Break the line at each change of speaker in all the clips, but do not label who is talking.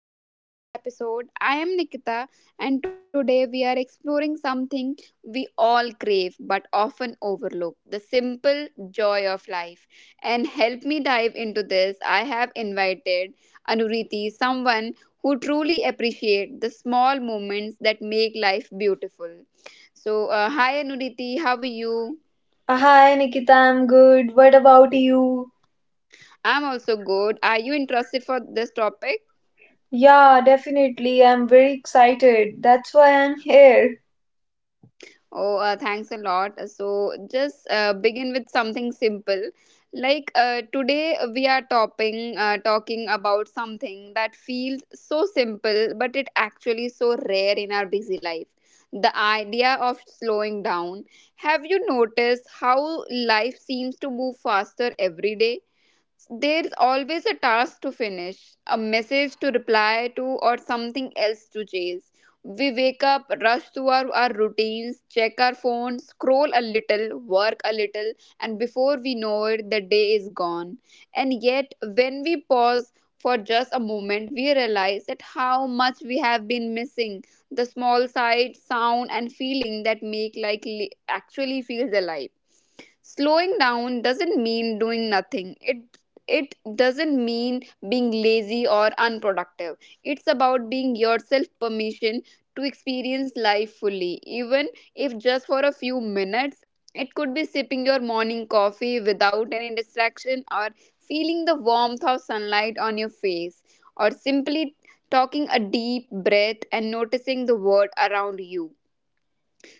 welcome to today's episode. I am Nikita, and today we are exploring something we all crave but often overlook the simple joy of life. And help me dive into this, I have invited Anuriti, someone who truly appreciates the small moments that make life beautiful. So, hi Anuriti, how are you?
Hi Nikita, I'm good. What about you?
I'm also good. Are you interested for this topic?
Yeah, definitely. I'm very excited. That's why I'm here.
Oh, thanks a lot. So, just begin with something simple. Like today, we are talking about something that feels so simple, but it actually so rare in our busy life. The idea of slowing down. Have you noticed how life seems to move faster every day? There's always a task to finish, a message to reply to, or something else to chase. We wake up, rush through our routines, check our phones, scroll a little, work a little, and before we know it, the day is gone. And yet, when we pause for just a moment, we realize that how much we have been missing the small sight, sound, and feeling that make actually feels alive. Slowing down doesn't mean doing nothing. It doesn't mean being lazy or unproductive. It's about being yourself permission to experience life fully, even if just for a few minutes. It could be sipping your morning coffee without any distraction, or feeling the warmth of sunlight on your face, or simply taking a deep breath and noticing the world around you.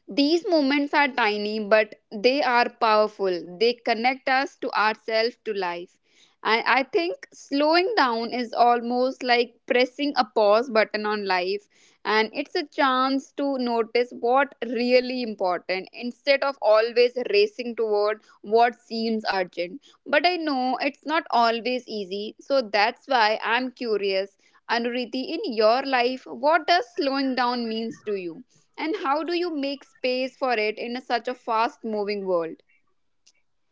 These moments are tiny, but they are powerful. They connect us to ourselves, to life. And I think slowing down is almost like pressing a pause button on life. And it's a chance to notice what really important instead of always racing toward what seems urgent. But I know it's not always easy. So that's why I'm curious. Anuriti, in your life, what does slowing down means to you? And how do you make space for it in a such a fast moving world?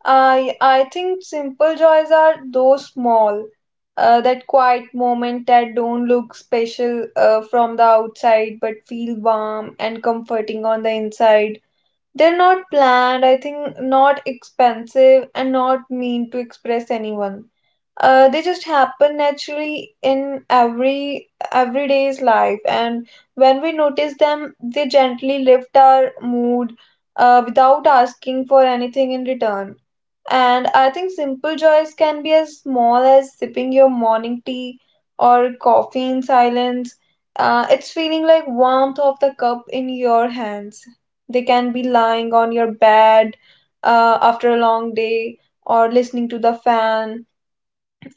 I think simple joys are those small, that quiet moment that don't look special from the outside but feel warm and comforting on the inside. They're not planned, I think not expensive and not mean to express anyone. They just happen naturally in everyday's life, and when we notice them, they gently lift our mood without asking for anything in return. And I think simple joys can be as small as sipping your morning tea or coffee in silence. It's feeling like warmth of the cup in your hands. They can be lying on your bed after a long day, or listening to the fan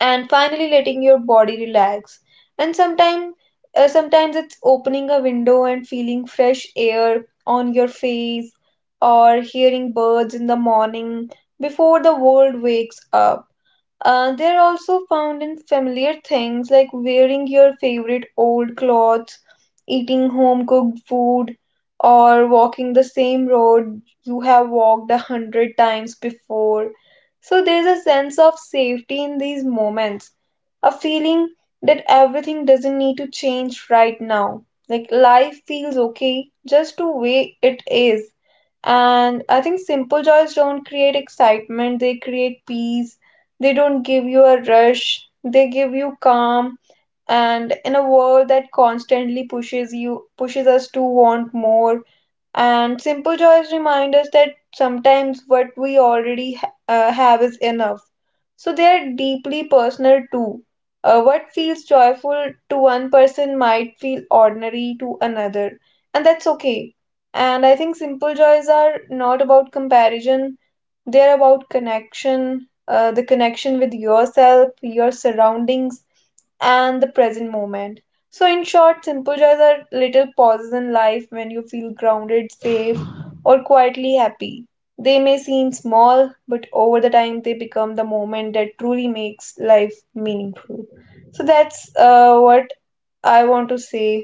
and finally letting your body relax. And sometimes it's opening a window and feeling fresh air on your face, or hearing birds in the morning before the world wakes up. They're also found in familiar things like wearing your favorite old clothes, eating home cooked food, or walking the same road you have walked a hundred times before. So there's a sense of safety in these moments, a feeling that everything doesn't need to change right now. Like life feels okay just the way it is. And I think simple joys don't create excitement, they create peace. They don't give you a rush, they give you calm. And in a world that constantly pushes you, pushes us to want more, and simple joys remind us that sometimes what we already have is enough. So they are deeply personal too. What feels joyful to one person might feel ordinary to another, and that's okay. And I think simple joys are not about comparison, they're about connection, the connection with yourself, your surroundings, and the present moment. So, in short, simple joys are little pauses in life when you feel grounded, safe, or quietly happy. They may seem small, but over the time they become the moment that truly makes life meaningful. So, that's what I want to say.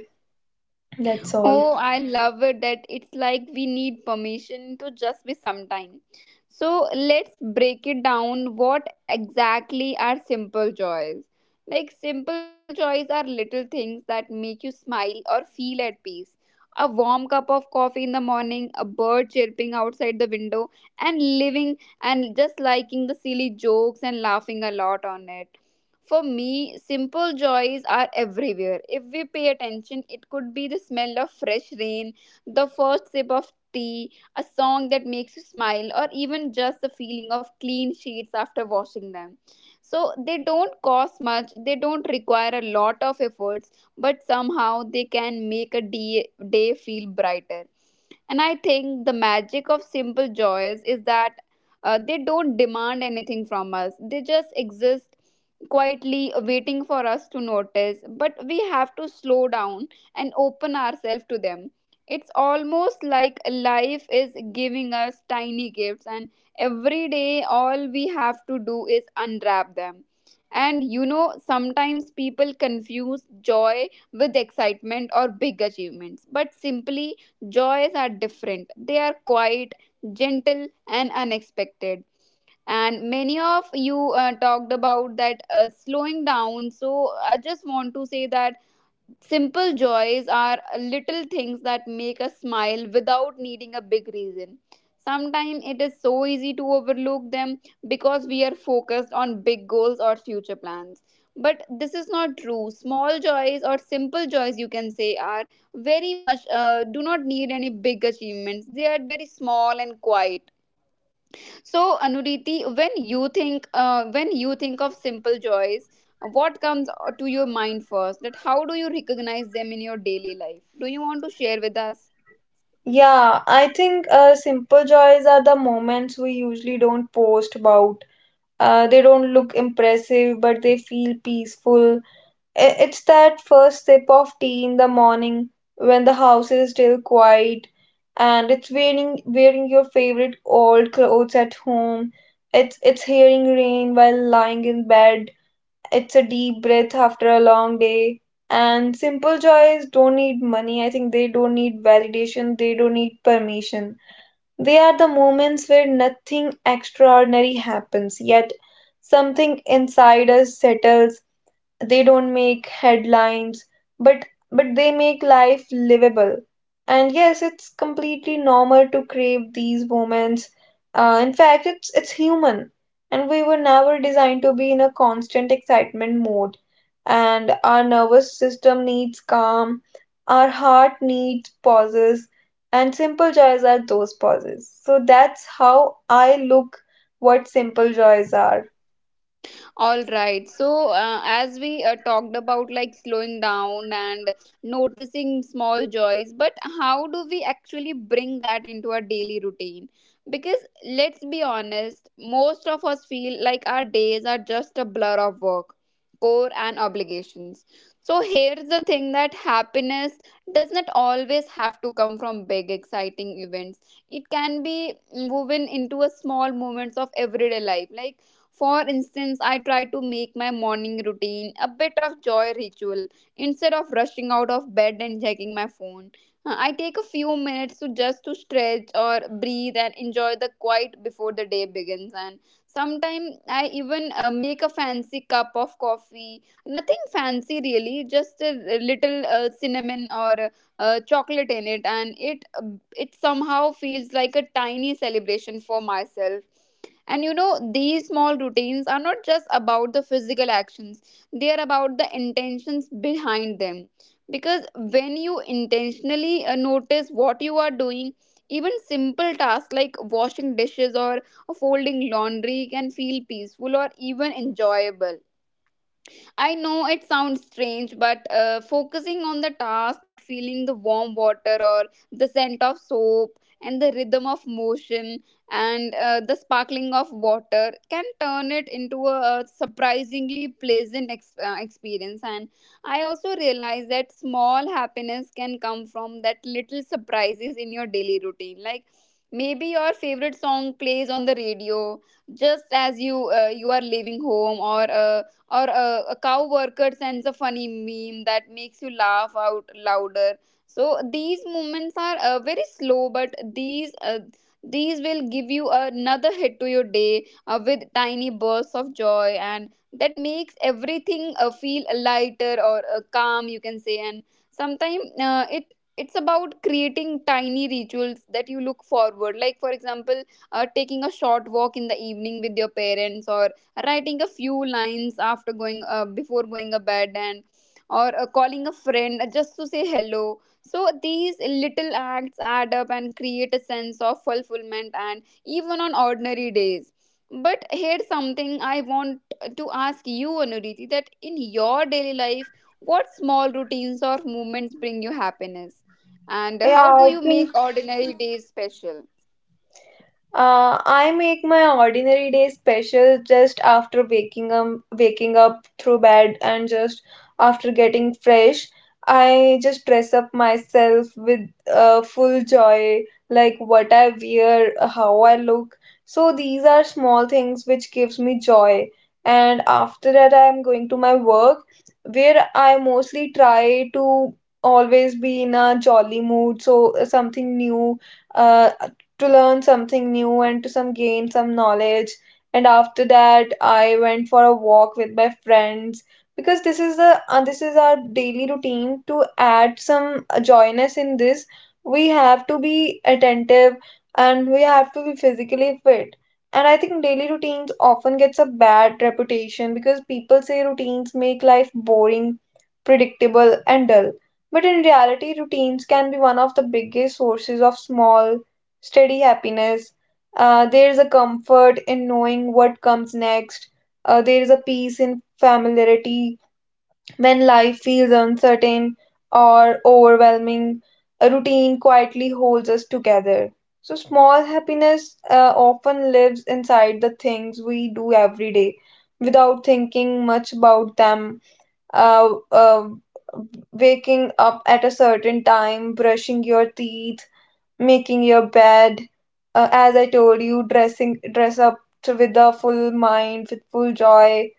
That's all.
Oh, I love it that it's like we need permission to just be sometime. So let's break it down. What exactly are simple joys? Like, simple joys are little things that make you smile or feel at peace. A warm cup of coffee in the morning, a bird chirping outside the window, and living and just liking the silly jokes and laughing a lot on it. For me, simple joys are everywhere. If we pay attention, it could be the smell of fresh rain, the first sip of tea, a song that makes you smile, or even just the feeling of clean sheets after washing them. So, they don't cost much, they don't require a lot of efforts, but somehow they can make a day feel brighter. And I think the magic of simple joys is that they don't demand anything from us, they just exist quietly waiting for us to notice. But we have to slow down and open ourselves to them. It's almost like life is giving us tiny gifts, and every day, all we have to do is unwrap them. And you know, sometimes people confuse joy with excitement or big achievements, but simply joys are different. They are quiet, gentle, and unexpected. And many of you talked about that slowing down. So I just want to say that simple joys are little things that make us smile without needing a big reason. Sometimes it is so easy to overlook them because we are focused on big goals or future plans. But this is not true. Small joys or simple joys, you can say, are very much do not need any big achievements. They are very small and quiet. So, Anuriti, when you think of simple joys, what comes to your mind first? That how do you recognize them in your daily life? Do you want to share with us?
Yeah, I think simple joys are the moments we usually don't post about. They don't look impressive, but they feel peaceful. It's that first sip of tea in the morning when the house is still quiet, and it's wearing your favorite old clothes at home. It's hearing rain while lying in bed. It's a deep breath after a long day. And simple joys don't need money. I think they don't need validation. They don't need permission. They are the moments where nothing extraordinary happens, yet something inside us settles. They don't make headlines, but but they make life livable. And yes, it's completely normal to crave these moments. In fact, it's human, and we were never designed to be in a constant excitement mode. And our nervous system needs calm, our heart needs pauses, and simple joys are those pauses. So that's how I look what simple joys are.
All right. So, as we talked about like slowing down and noticing small joys, but how do we actually bring that into our daily routine? Because let's be honest, most of us feel like our days are just a blur of work, core, and obligations. So, here's the thing that happiness does not always have to come from big, exciting events. It can be woven into a small moments of everyday life, like for instance, I try to make my morning routine a bit of joy ritual instead of rushing out of bed and checking my phone. I take a few minutes to just to stretch or breathe and enjoy the quiet before the day begins, and sometimes I even make a fancy cup of coffee. Nothing fancy really, just a little cinnamon or chocolate in it, and it somehow feels like a tiny celebration for myself. And you know, these small routines are not just about the physical actions, they are about the intentions behind them. Because when you intentionally notice what you are doing, even simple tasks like washing dishes or folding laundry can feel peaceful or even enjoyable. I know it sounds strange, but focusing on the task, that feeling the warm water or the scent of soap and the rhythm of motion and the sparkling of water can turn it into a surprisingly pleasant experience. And I also realize that small happiness can come from that little surprises in your daily routine. Like maybe your favorite song plays on the radio just as you are leaving home, or a cow worker sends a funny meme that makes you laugh out louder. So these moments are very slow, but these will give you another hit to your day with tiny bursts of joy, and that makes everything feel lighter or calm, you can say. And sometimes it's about creating tiny rituals that you look forward, like for example, taking a short walk in the evening with your parents or writing a few lines after going before going to bed, and or calling a friend just to say hello. So these little acts add up and create a sense of fulfillment and even on ordinary days. But here's something I want to ask you, Anuriti, that in your daily life, what small routines or movements bring you happiness, and
Yeah,
how do
I
you
think
make ordinary days special?
I make my ordinary day special just after waking up through bed, and just after getting fresh. I just dress up myself with full joy, like what I wear, how I look. So these are small things which gives me joy. And after that, I am going to my work, where I mostly try to always be in a jolly mood. So something new uh, to learn something new and to some gain some knowledge. And after that, I went for a walk with my friends because this is the this is our daily routine to add some joyness in this. We have to be attentive and we have to be physically fit. And I think daily routines often gets a bad reputation because people say routines make life boring, predictable and dull, but in reality routines can be one of the biggest sources of small, steady happiness. There is a comfort in knowing what comes next. There is a peace in familiarity when life feels uncertain or overwhelming. A routine quietly holds us together. So, small happiness often lives inside the things we do every day without thinking much about them. Uh, uh, waking up at a certain time, brushing your teeth, making your bed, as I told you, dress up to, with a full mind, with full joy,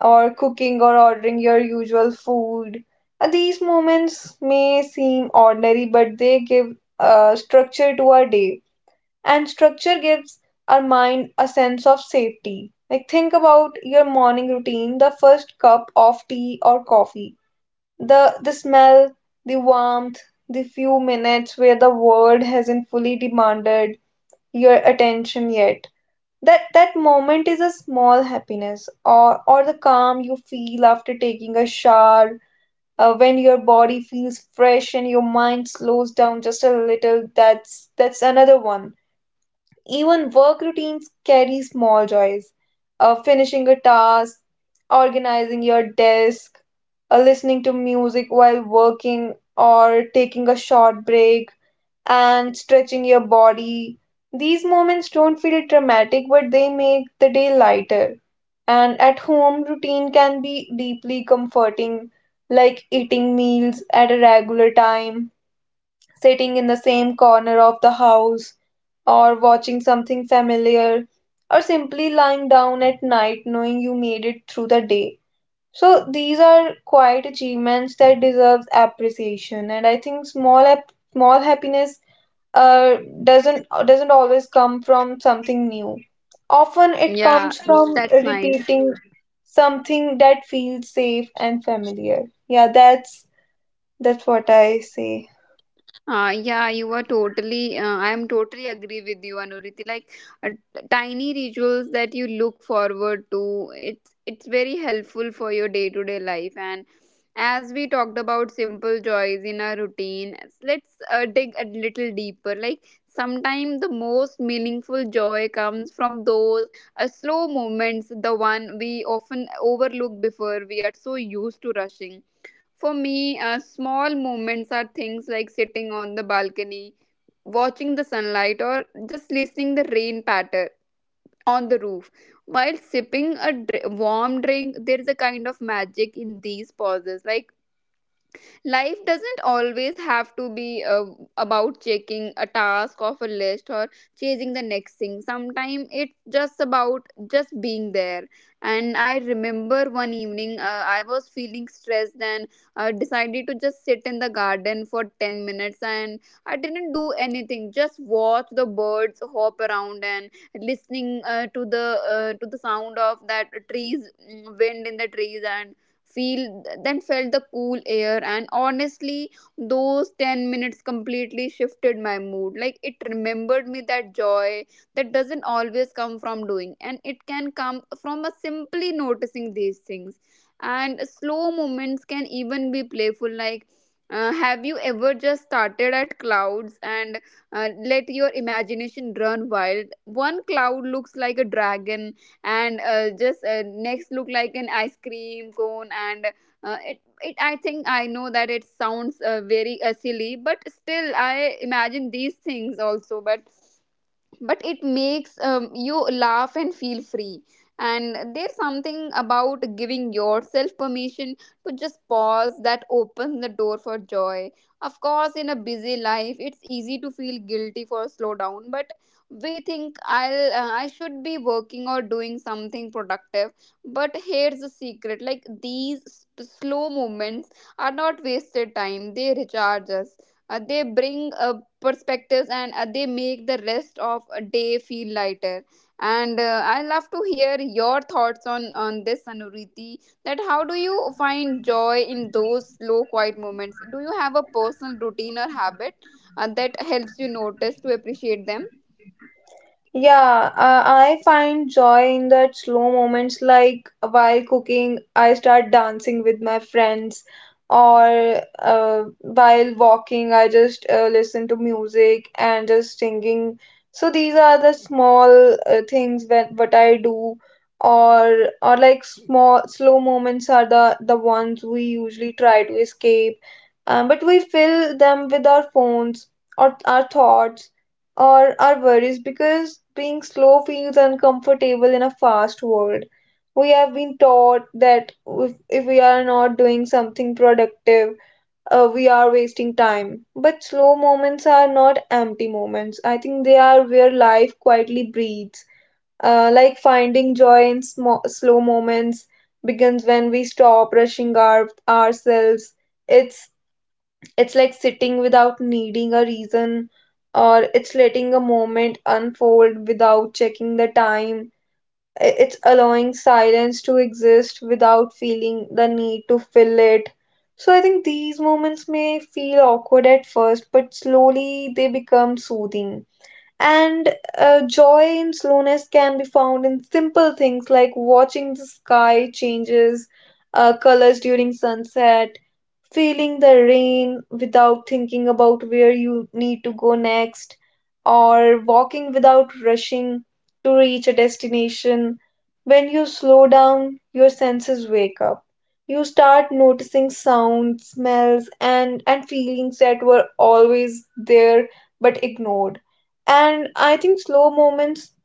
or cooking or ordering your usual food. These moments may seem ordinary, but they give structure to our day, and structure gives our mind a sense of safety. Like think about your morning routine, the first cup of tea or coffee, the smell, the warmth, the few minutes where the world hasn't fully demanded your attention yet. That moment is a small happiness. Or the calm you feel after taking a shower, when your body feels fresh and your mind slows down just a little, that's another one. Even work routines carry small joys. Finishing a task, organizing your desk, listening to music while working, or taking a short break and stretching your body. These moments don't feel dramatic, but they make the day lighter. And at home, routine can be deeply comforting, like eating meals at a regular time, sitting in the same corner of the house, or watching something familiar, or simply lying down at night knowing you made it through the day. So, these are quiet achievements that deserves appreciation, and I think small small happiness uh, doesn't doesn't always come from something new. Often it
Yeah,
comes from
that's nice.
repeating something that feels safe and familiar. Yeah, that's what I say.
Yeah, you are totally. I am totally agree with you, Anuriti. Like uh, tiny rituals that you look forward to. It's very helpful for your day to day life. And as we talked about simple joys in our routine, let's dig a little deeper. Like sometimes the most meaningful joy comes from those slow moments, the one we often overlook before we are so used to rushing. For me, small moments are things like sitting on the balcony, watching the sunlight, or just listening the rain patter on the roof. While sipping a warm drink, there is a kind of magic in these pauses. Like life doesn't always have to be about checking a task off a list or chasing the next thing. Sometimes it's just about just being there. And I remember one evening, I was feeling stressed and decided to just sit in the garden for 10 minutes, and I didn't do anything, just watch the birds hop around and listening to the sound of that trees, wind in the trees, and feel then felt the cool air. And honestly, those 10 minutes completely shifted my mood. Like it remembered me that joy that doesn't always come from doing, and it can come from a simply noticing these things. And slow moments can even be playful. Like have you ever just started at clouds and let your imagination run wild? One cloud looks like a dragon, and just next look like an ice cream cone. And uh, it, it i think I know that it sounds very silly, but still I imagine these things also. But it makes you laugh and feel free. And there's something about giving yourself permission to just pause that opens the door for joy. Of course, in a busy life, it's easy to feel guilty for slow down. But we think I should be working or doing something productive. But here's the secret, like these slow moments are not wasted time. They recharge us. They bring perspectives, and they make the rest of a day feel lighter. And I love to hear your thoughts on this, Anuriti. That how do you find joy in those slow, quiet moments? Do you have a personal routine or habit that helps you notice to appreciate them?
Yeah, I find joy in that slow moments like while cooking, I start dancing with my friends, or while walking, I just listen to music and just singing. So these are the small things that what I do, or or like small slow moments are the ones we usually try to escape, but we fill them with our phones or our thoughts or our worries because being slow feels uncomfortable in a fast world. We have been taught that if we are not doing something productive, we are wasting time. But slow moments are not empty moments. I think they are where life quietly breathes. Like finding joy in slow moments begins when we stop rushing ourselves. It's it's like sitting without needing a reason, or it's letting a moment unfold without checking the time. It's allowing silence to exist without feeling the need to fill it. So I think these moments may feel awkward at first, but slowly they become soothing. And joy in slowness can be found in simple things like watching the sky changes colors during sunset, feeling the rain without thinking about where you need to go next, or walking without rushing to reach a destination. When you slow down, your senses wake up. You start noticing sounds, smells, and feelings that were always there but ignored. And I think slow moments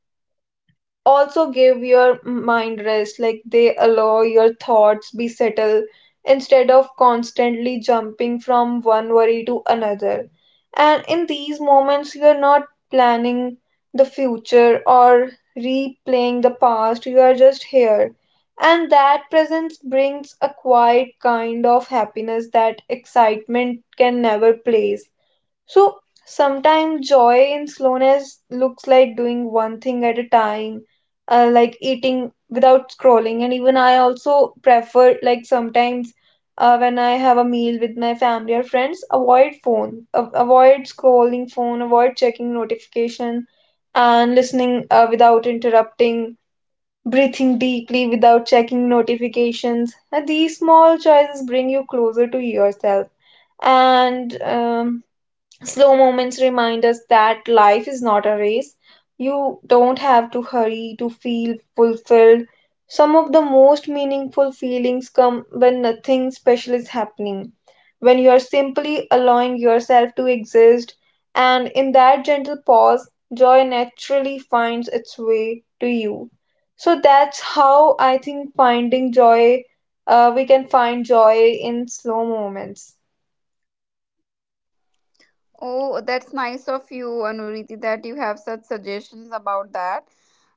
also give your mind rest, like they allow your thoughts be settled instead of constantly jumping from one worry to another. And in these moments you are not planning the future or replaying the past, you are just here, and that presence brings a quiet kind of happiness that excitement can never place. So sometimes joy in slowness looks like doing one thing at a time, like eating without scrolling. And even I also prefer, like sometimes when I have a meal with my family or friends, avoid phone, avoid scrolling phone, avoid checking notification, and listening without interrupting. Breathing deeply without checking notifications. And these small choices bring you closer to yourself. And Slow moments remind us that life is not a race. You don't have to hurry to feel fulfilled. Some of the most meaningful feelings come when nothing special is happening, when you are simply allowing yourself to exist, and in that gentle pause, joy naturally finds its way to you. So that's how I think finding joy, we can find joy in slow moments.
Oh, that's nice of you, Anuriti, that you have such suggestions about that.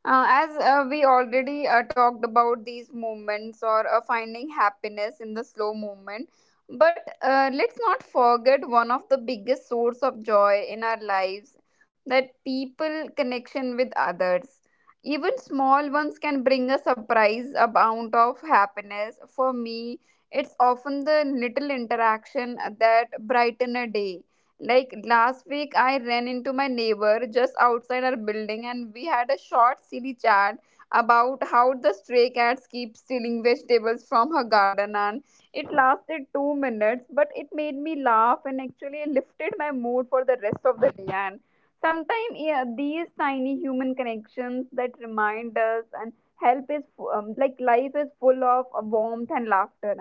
As we already talked about these moments or finding happiness in the slow moment, but let's not forget one of the biggest source of joy in our lives, that people connection with others. Even small ones can bring a surprise amount of happiness. For me, it's often the little interaction that brighten a day like last week, I ran into my neighbor just outside our building, and we had a short, silly chat about how the stray cats keep stealing vegetables from her garden. And it lasted 2 minutes, but it made me laugh and actually lifted my mood for the rest of the day. And sometimes, yeah, these tiny human connections that remind us and help like life is full of warmth and laughter.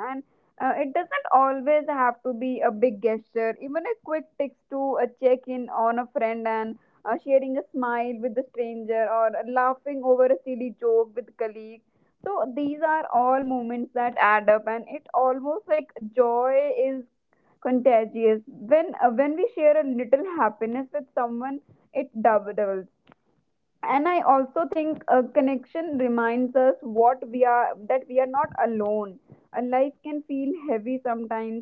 It doesn't always have to be a big gesture, even a quick text to a check in on a friend and sharing a smile with a stranger or laughing over a silly joke with colleagues. So these are all moments that add up, and it almost like joy is contagious. When we share a little happiness with someone, it doubles. And I also think a connection reminds us what we are, that we are not alone. A life can feel heavy sometimes,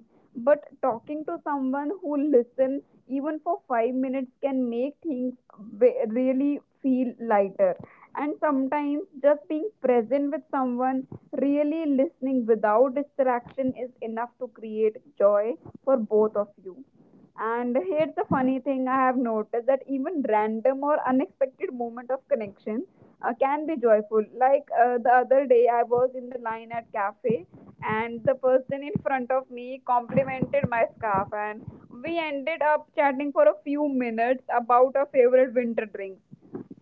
but talking to someone who listens even for 5 minutes can make things really feel lighter. And sometimes just being present with someone, really listening without distraction, is enough to create joy for both of you. And here's the funny thing I have noticed, that even random or unexpected moment of connection can be joyful. Like the other day, I was in the line at cafe, and the person in front of me complimented my scarf, and we ended up chatting for a few minutes about our favorite winter drink.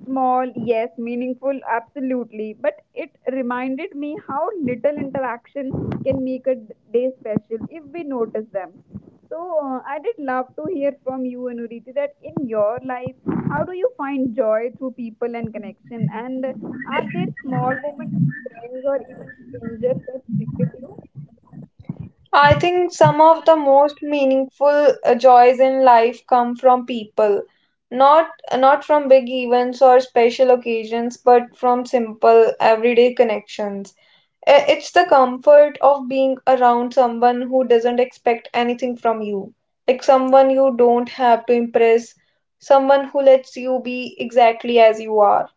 Small, yes, meaningful, absolutely. But it reminded me how little interaction can make a day special if we notice them. So I did love to hear from you, Anuriti, that in your life, how do you find joy through people and connection? And are there small moments, with friends or even strangers that stick with you?
I think some of the most meaningful joys in life come from people, not not from big events or special occasions, but from simple everyday connections. It's the comfort of being around someone who doesn't expect anything from you, like someone you don't have to impress, someone who lets you be exactly as you are.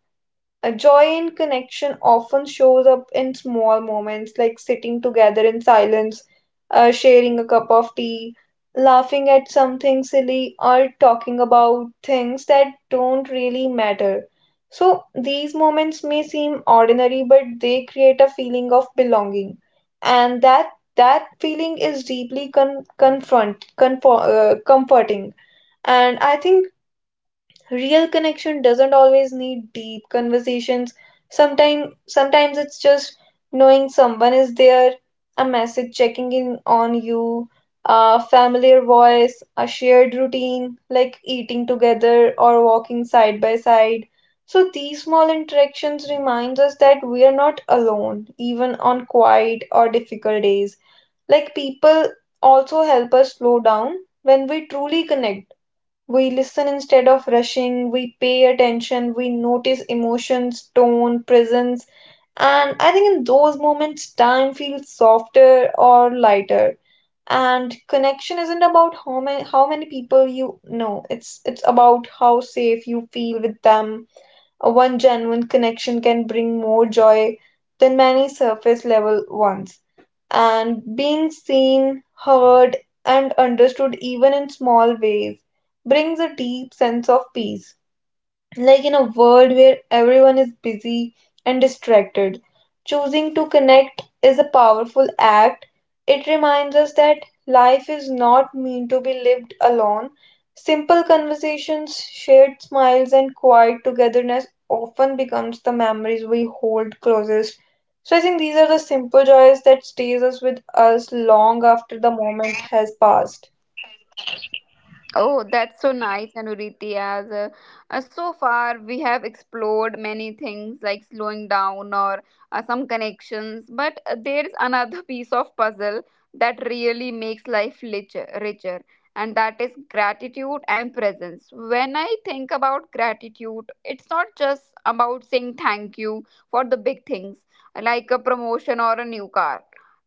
A joy in connection often shows up in small moments like sitting together in silence, sharing a cup of tea, laughing at something silly, or talking about things that don't really matter. So, these moments may seem ordinary, but they create a feeling of belonging. And that that feeling is deeply comforting. And I think real connection doesn't always need deep conversations. Sometimes it's just knowing someone is there, a message checking in on you, a familiar voice, a shared routine like eating together or walking side by side. So these small interactions remind us that we are not alone, even on quiet or difficult days. Like people also help us slow down. When we truly connect, we listen instead of rushing, we pay attention, we notice emotions, tone, presence, and I think in those moments time feels softer or lighter. And connection isn't about how many people you know. It's about how safe you feel with them. A one genuine connection can bring more joy than many surface level ones, and being seen, heard, and understood even in small ways brings a deep sense of peace. Like in a world where everyone is busy and distracted, choosing to connect is a powerful act. It reminds us that life is not meant to be lived alone. Simple conversations, shared smiles, and quiet togetherness often becomes the memories we hold closest. So I think these are the simple joys that stays us with us long after the moment has passed.
Oh, that's so nice, Anuriti. As So far we have explored many things like slowing down or some connections, but there's another piece of puzzle that really makes life richer, and that is gratitude and presence. When I think about gratitude, it's not just about saying thank you for the big things like a promotion or a new car.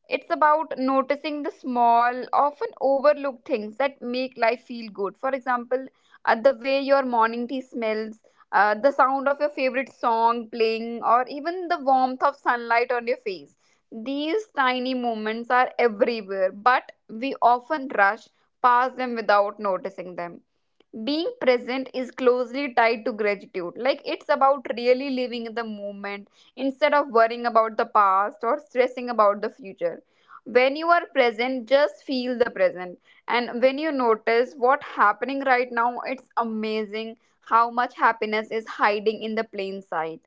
It's about noticing the small, often overlooked things that make life feel good. For example, the way your morning tea smells, the sound of your favorite song playing, or even the warmth of sunlight on your face. These tiny moments are everywhere, but we often rush past them without noticing them. Being present is closely tied to gratitude. Like it's about really living in the moment instead of worrying about the past or stressing about the future. When you are present, just feel the present. And when you notice what's happening right now, it's amazing how much happiness is hiding in the plain sight.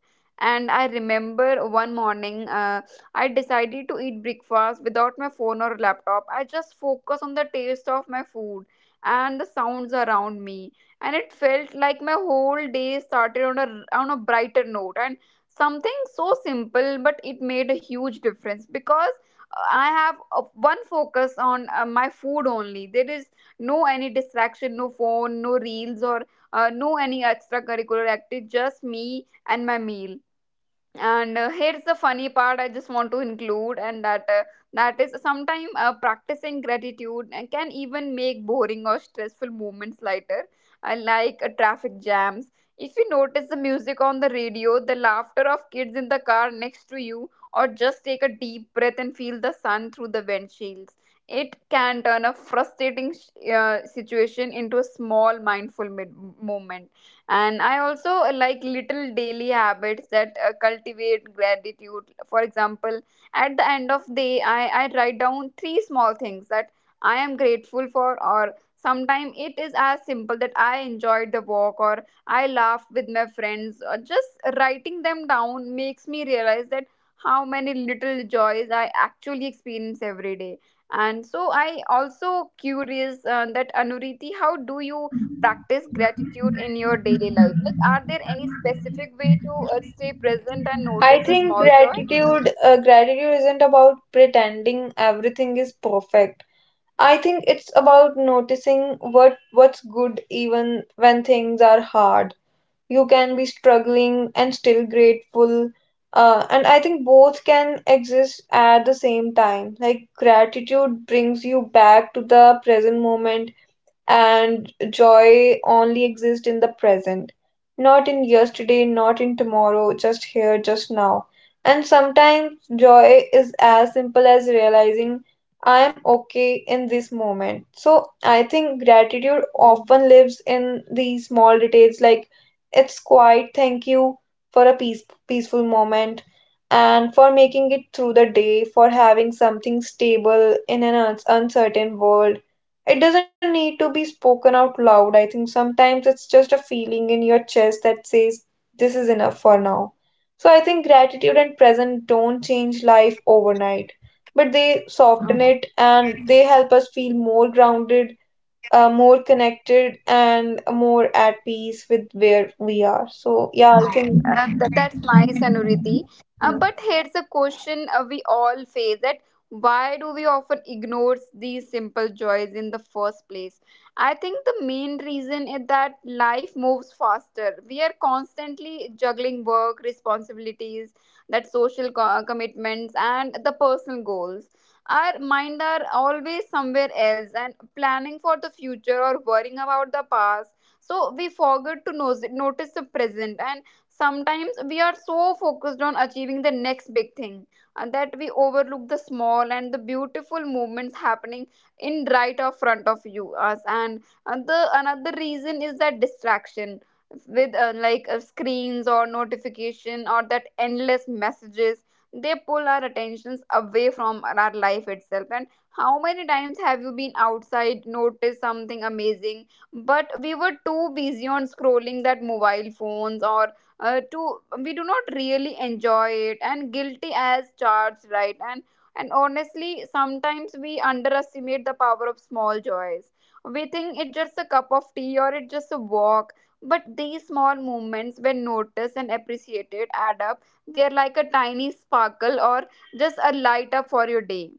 And I remember one morning, I decided to eat breakfast without my phone or laptop. I just focus on the taste of my food and the sounds around me, and it felt like my whole day started on a brighter note. And something so simple, but it made a huge difference because I have one focus on my food only. There is no any distraction, no phone, no reels, or no any extracurricular activity, just me and my meal. And here's the funny part I just want to include, and that is sometimes practicing gratitude and can even make boring or stressful moments lighter, like traffic jams. If you notice the music on the radio, the laughter of kids in the car next to you, or just take a deep breath and feel the sun through the windshields, it can turn a frustrating situation into a small mindful moment. And I also like little daily habits that cultivate gratitude. For example, at the end of day, I write down three small things that I am grateful for, or sometimes it is as simple that I enjoyed the walk or I laughed with my friends. Or just writing them down makes me realize that how many little joys I actually experience every day. And so I also curious, that Anuriti, how do you practice gratitude in your daily life? Like, are there any specific way to stay present and
I
notice the
think
small joy?
gratitude isn't about pretending everything is perfect. I think it's about noticing what's good even when things are hard. You can be struggling and still grateful. And I think both can exist at the same time. Like gratitude brings you back to the present moment, and joy only exists in the present, not in yesterday, not in tomorrow, just here, just now. And sometimes joy is as simple as realizing I am okay in this moment. So I think gratitude often lives in these small details, like it's quiet, thank you for a peaceful moment and for making it through the day, for having something stable in an uncertain world. It doesn't need to be spoken out loud. I think sometimes it's just a feeling in your chest that says, this is enough for now. So I think gratitude and present don't change life overnight, but they soften it, and they help us feel more grounded, more connected, and more at peace with where we are. So, yeah, I
Yeah,
think.
that's nice, Anuriti. But here's a question we all face, that why do we often ignore these simple joys in the first place? I think the main reason is that life moves faster. We are constantly juggling work, responsibilities, that social commitments, and the personal goals. Our mind are always somewhere else and planning for the future or worrying about the past. So we forget to notice the present. And sometimes we are so focused on achieving the next big thing that we overlook the small and the beautiful movements happening in right of front of you us. And the another reason is that distraction with screens or notification or that endless messages. They pull our attentions away from our life itself. And how many times have you been outside noticed something amazing, but we were too busy on scrolling that mobile phones, or to we do not really enjoy it, and guilty as charged, right? And honestly sometimes we underestimate the power of small joys. We think it's just a cup of tea or it's just a walk, but these small moments when noticed and appreciated add up. They're like a tiny sparkle or just a light up for your day.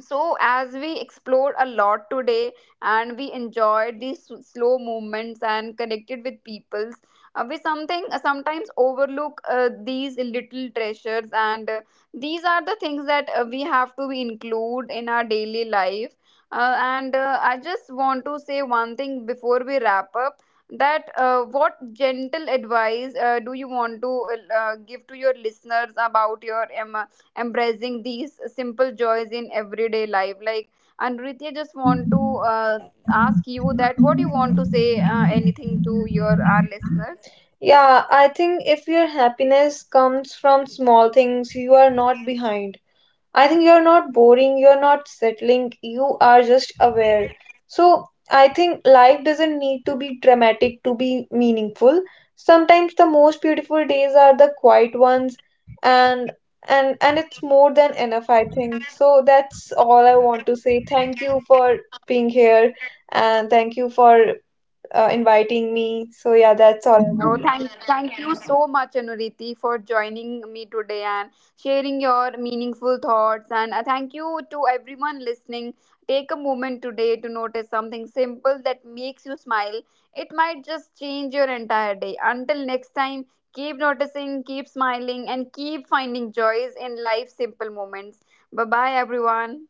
So as we explored a lot today, and we enjoyed these slow movements and connected with peoples, we something sometimes overlook these little treasures. And these are the things that we have to include in our daily life. And I just want to say one thing before we wrap up, that what gentle advice do you want to give to your listeners about your embracing these simple joys in everyday life, like, and Rithya, just want to uh, ask you that what you want to say, anything to your our listeners.
Yeah, I think if your happiness comes from small things, you are not behind. I think you're not boring, you're not settling, you are just aware. So, I think life doesn't need to be dramatic to be meaningful. Sometimes the most beautiful days are the quiet ones, and and it's more than enough, I think. So that's all I want to say. Thank you for being here, and thank you for inviting me. So yeah, that's all I
Oh,
want to
thank you so much, Anuriti, for joining me today and sharing your meaningful thoughts. And thank you to everyone listening. Take a moment today to notice something simple that makes you smile. It might just change your entire day. Until next time, keep noticing, keep smiling, and keep finding joys in life's simple moments. Bye bye, everyone.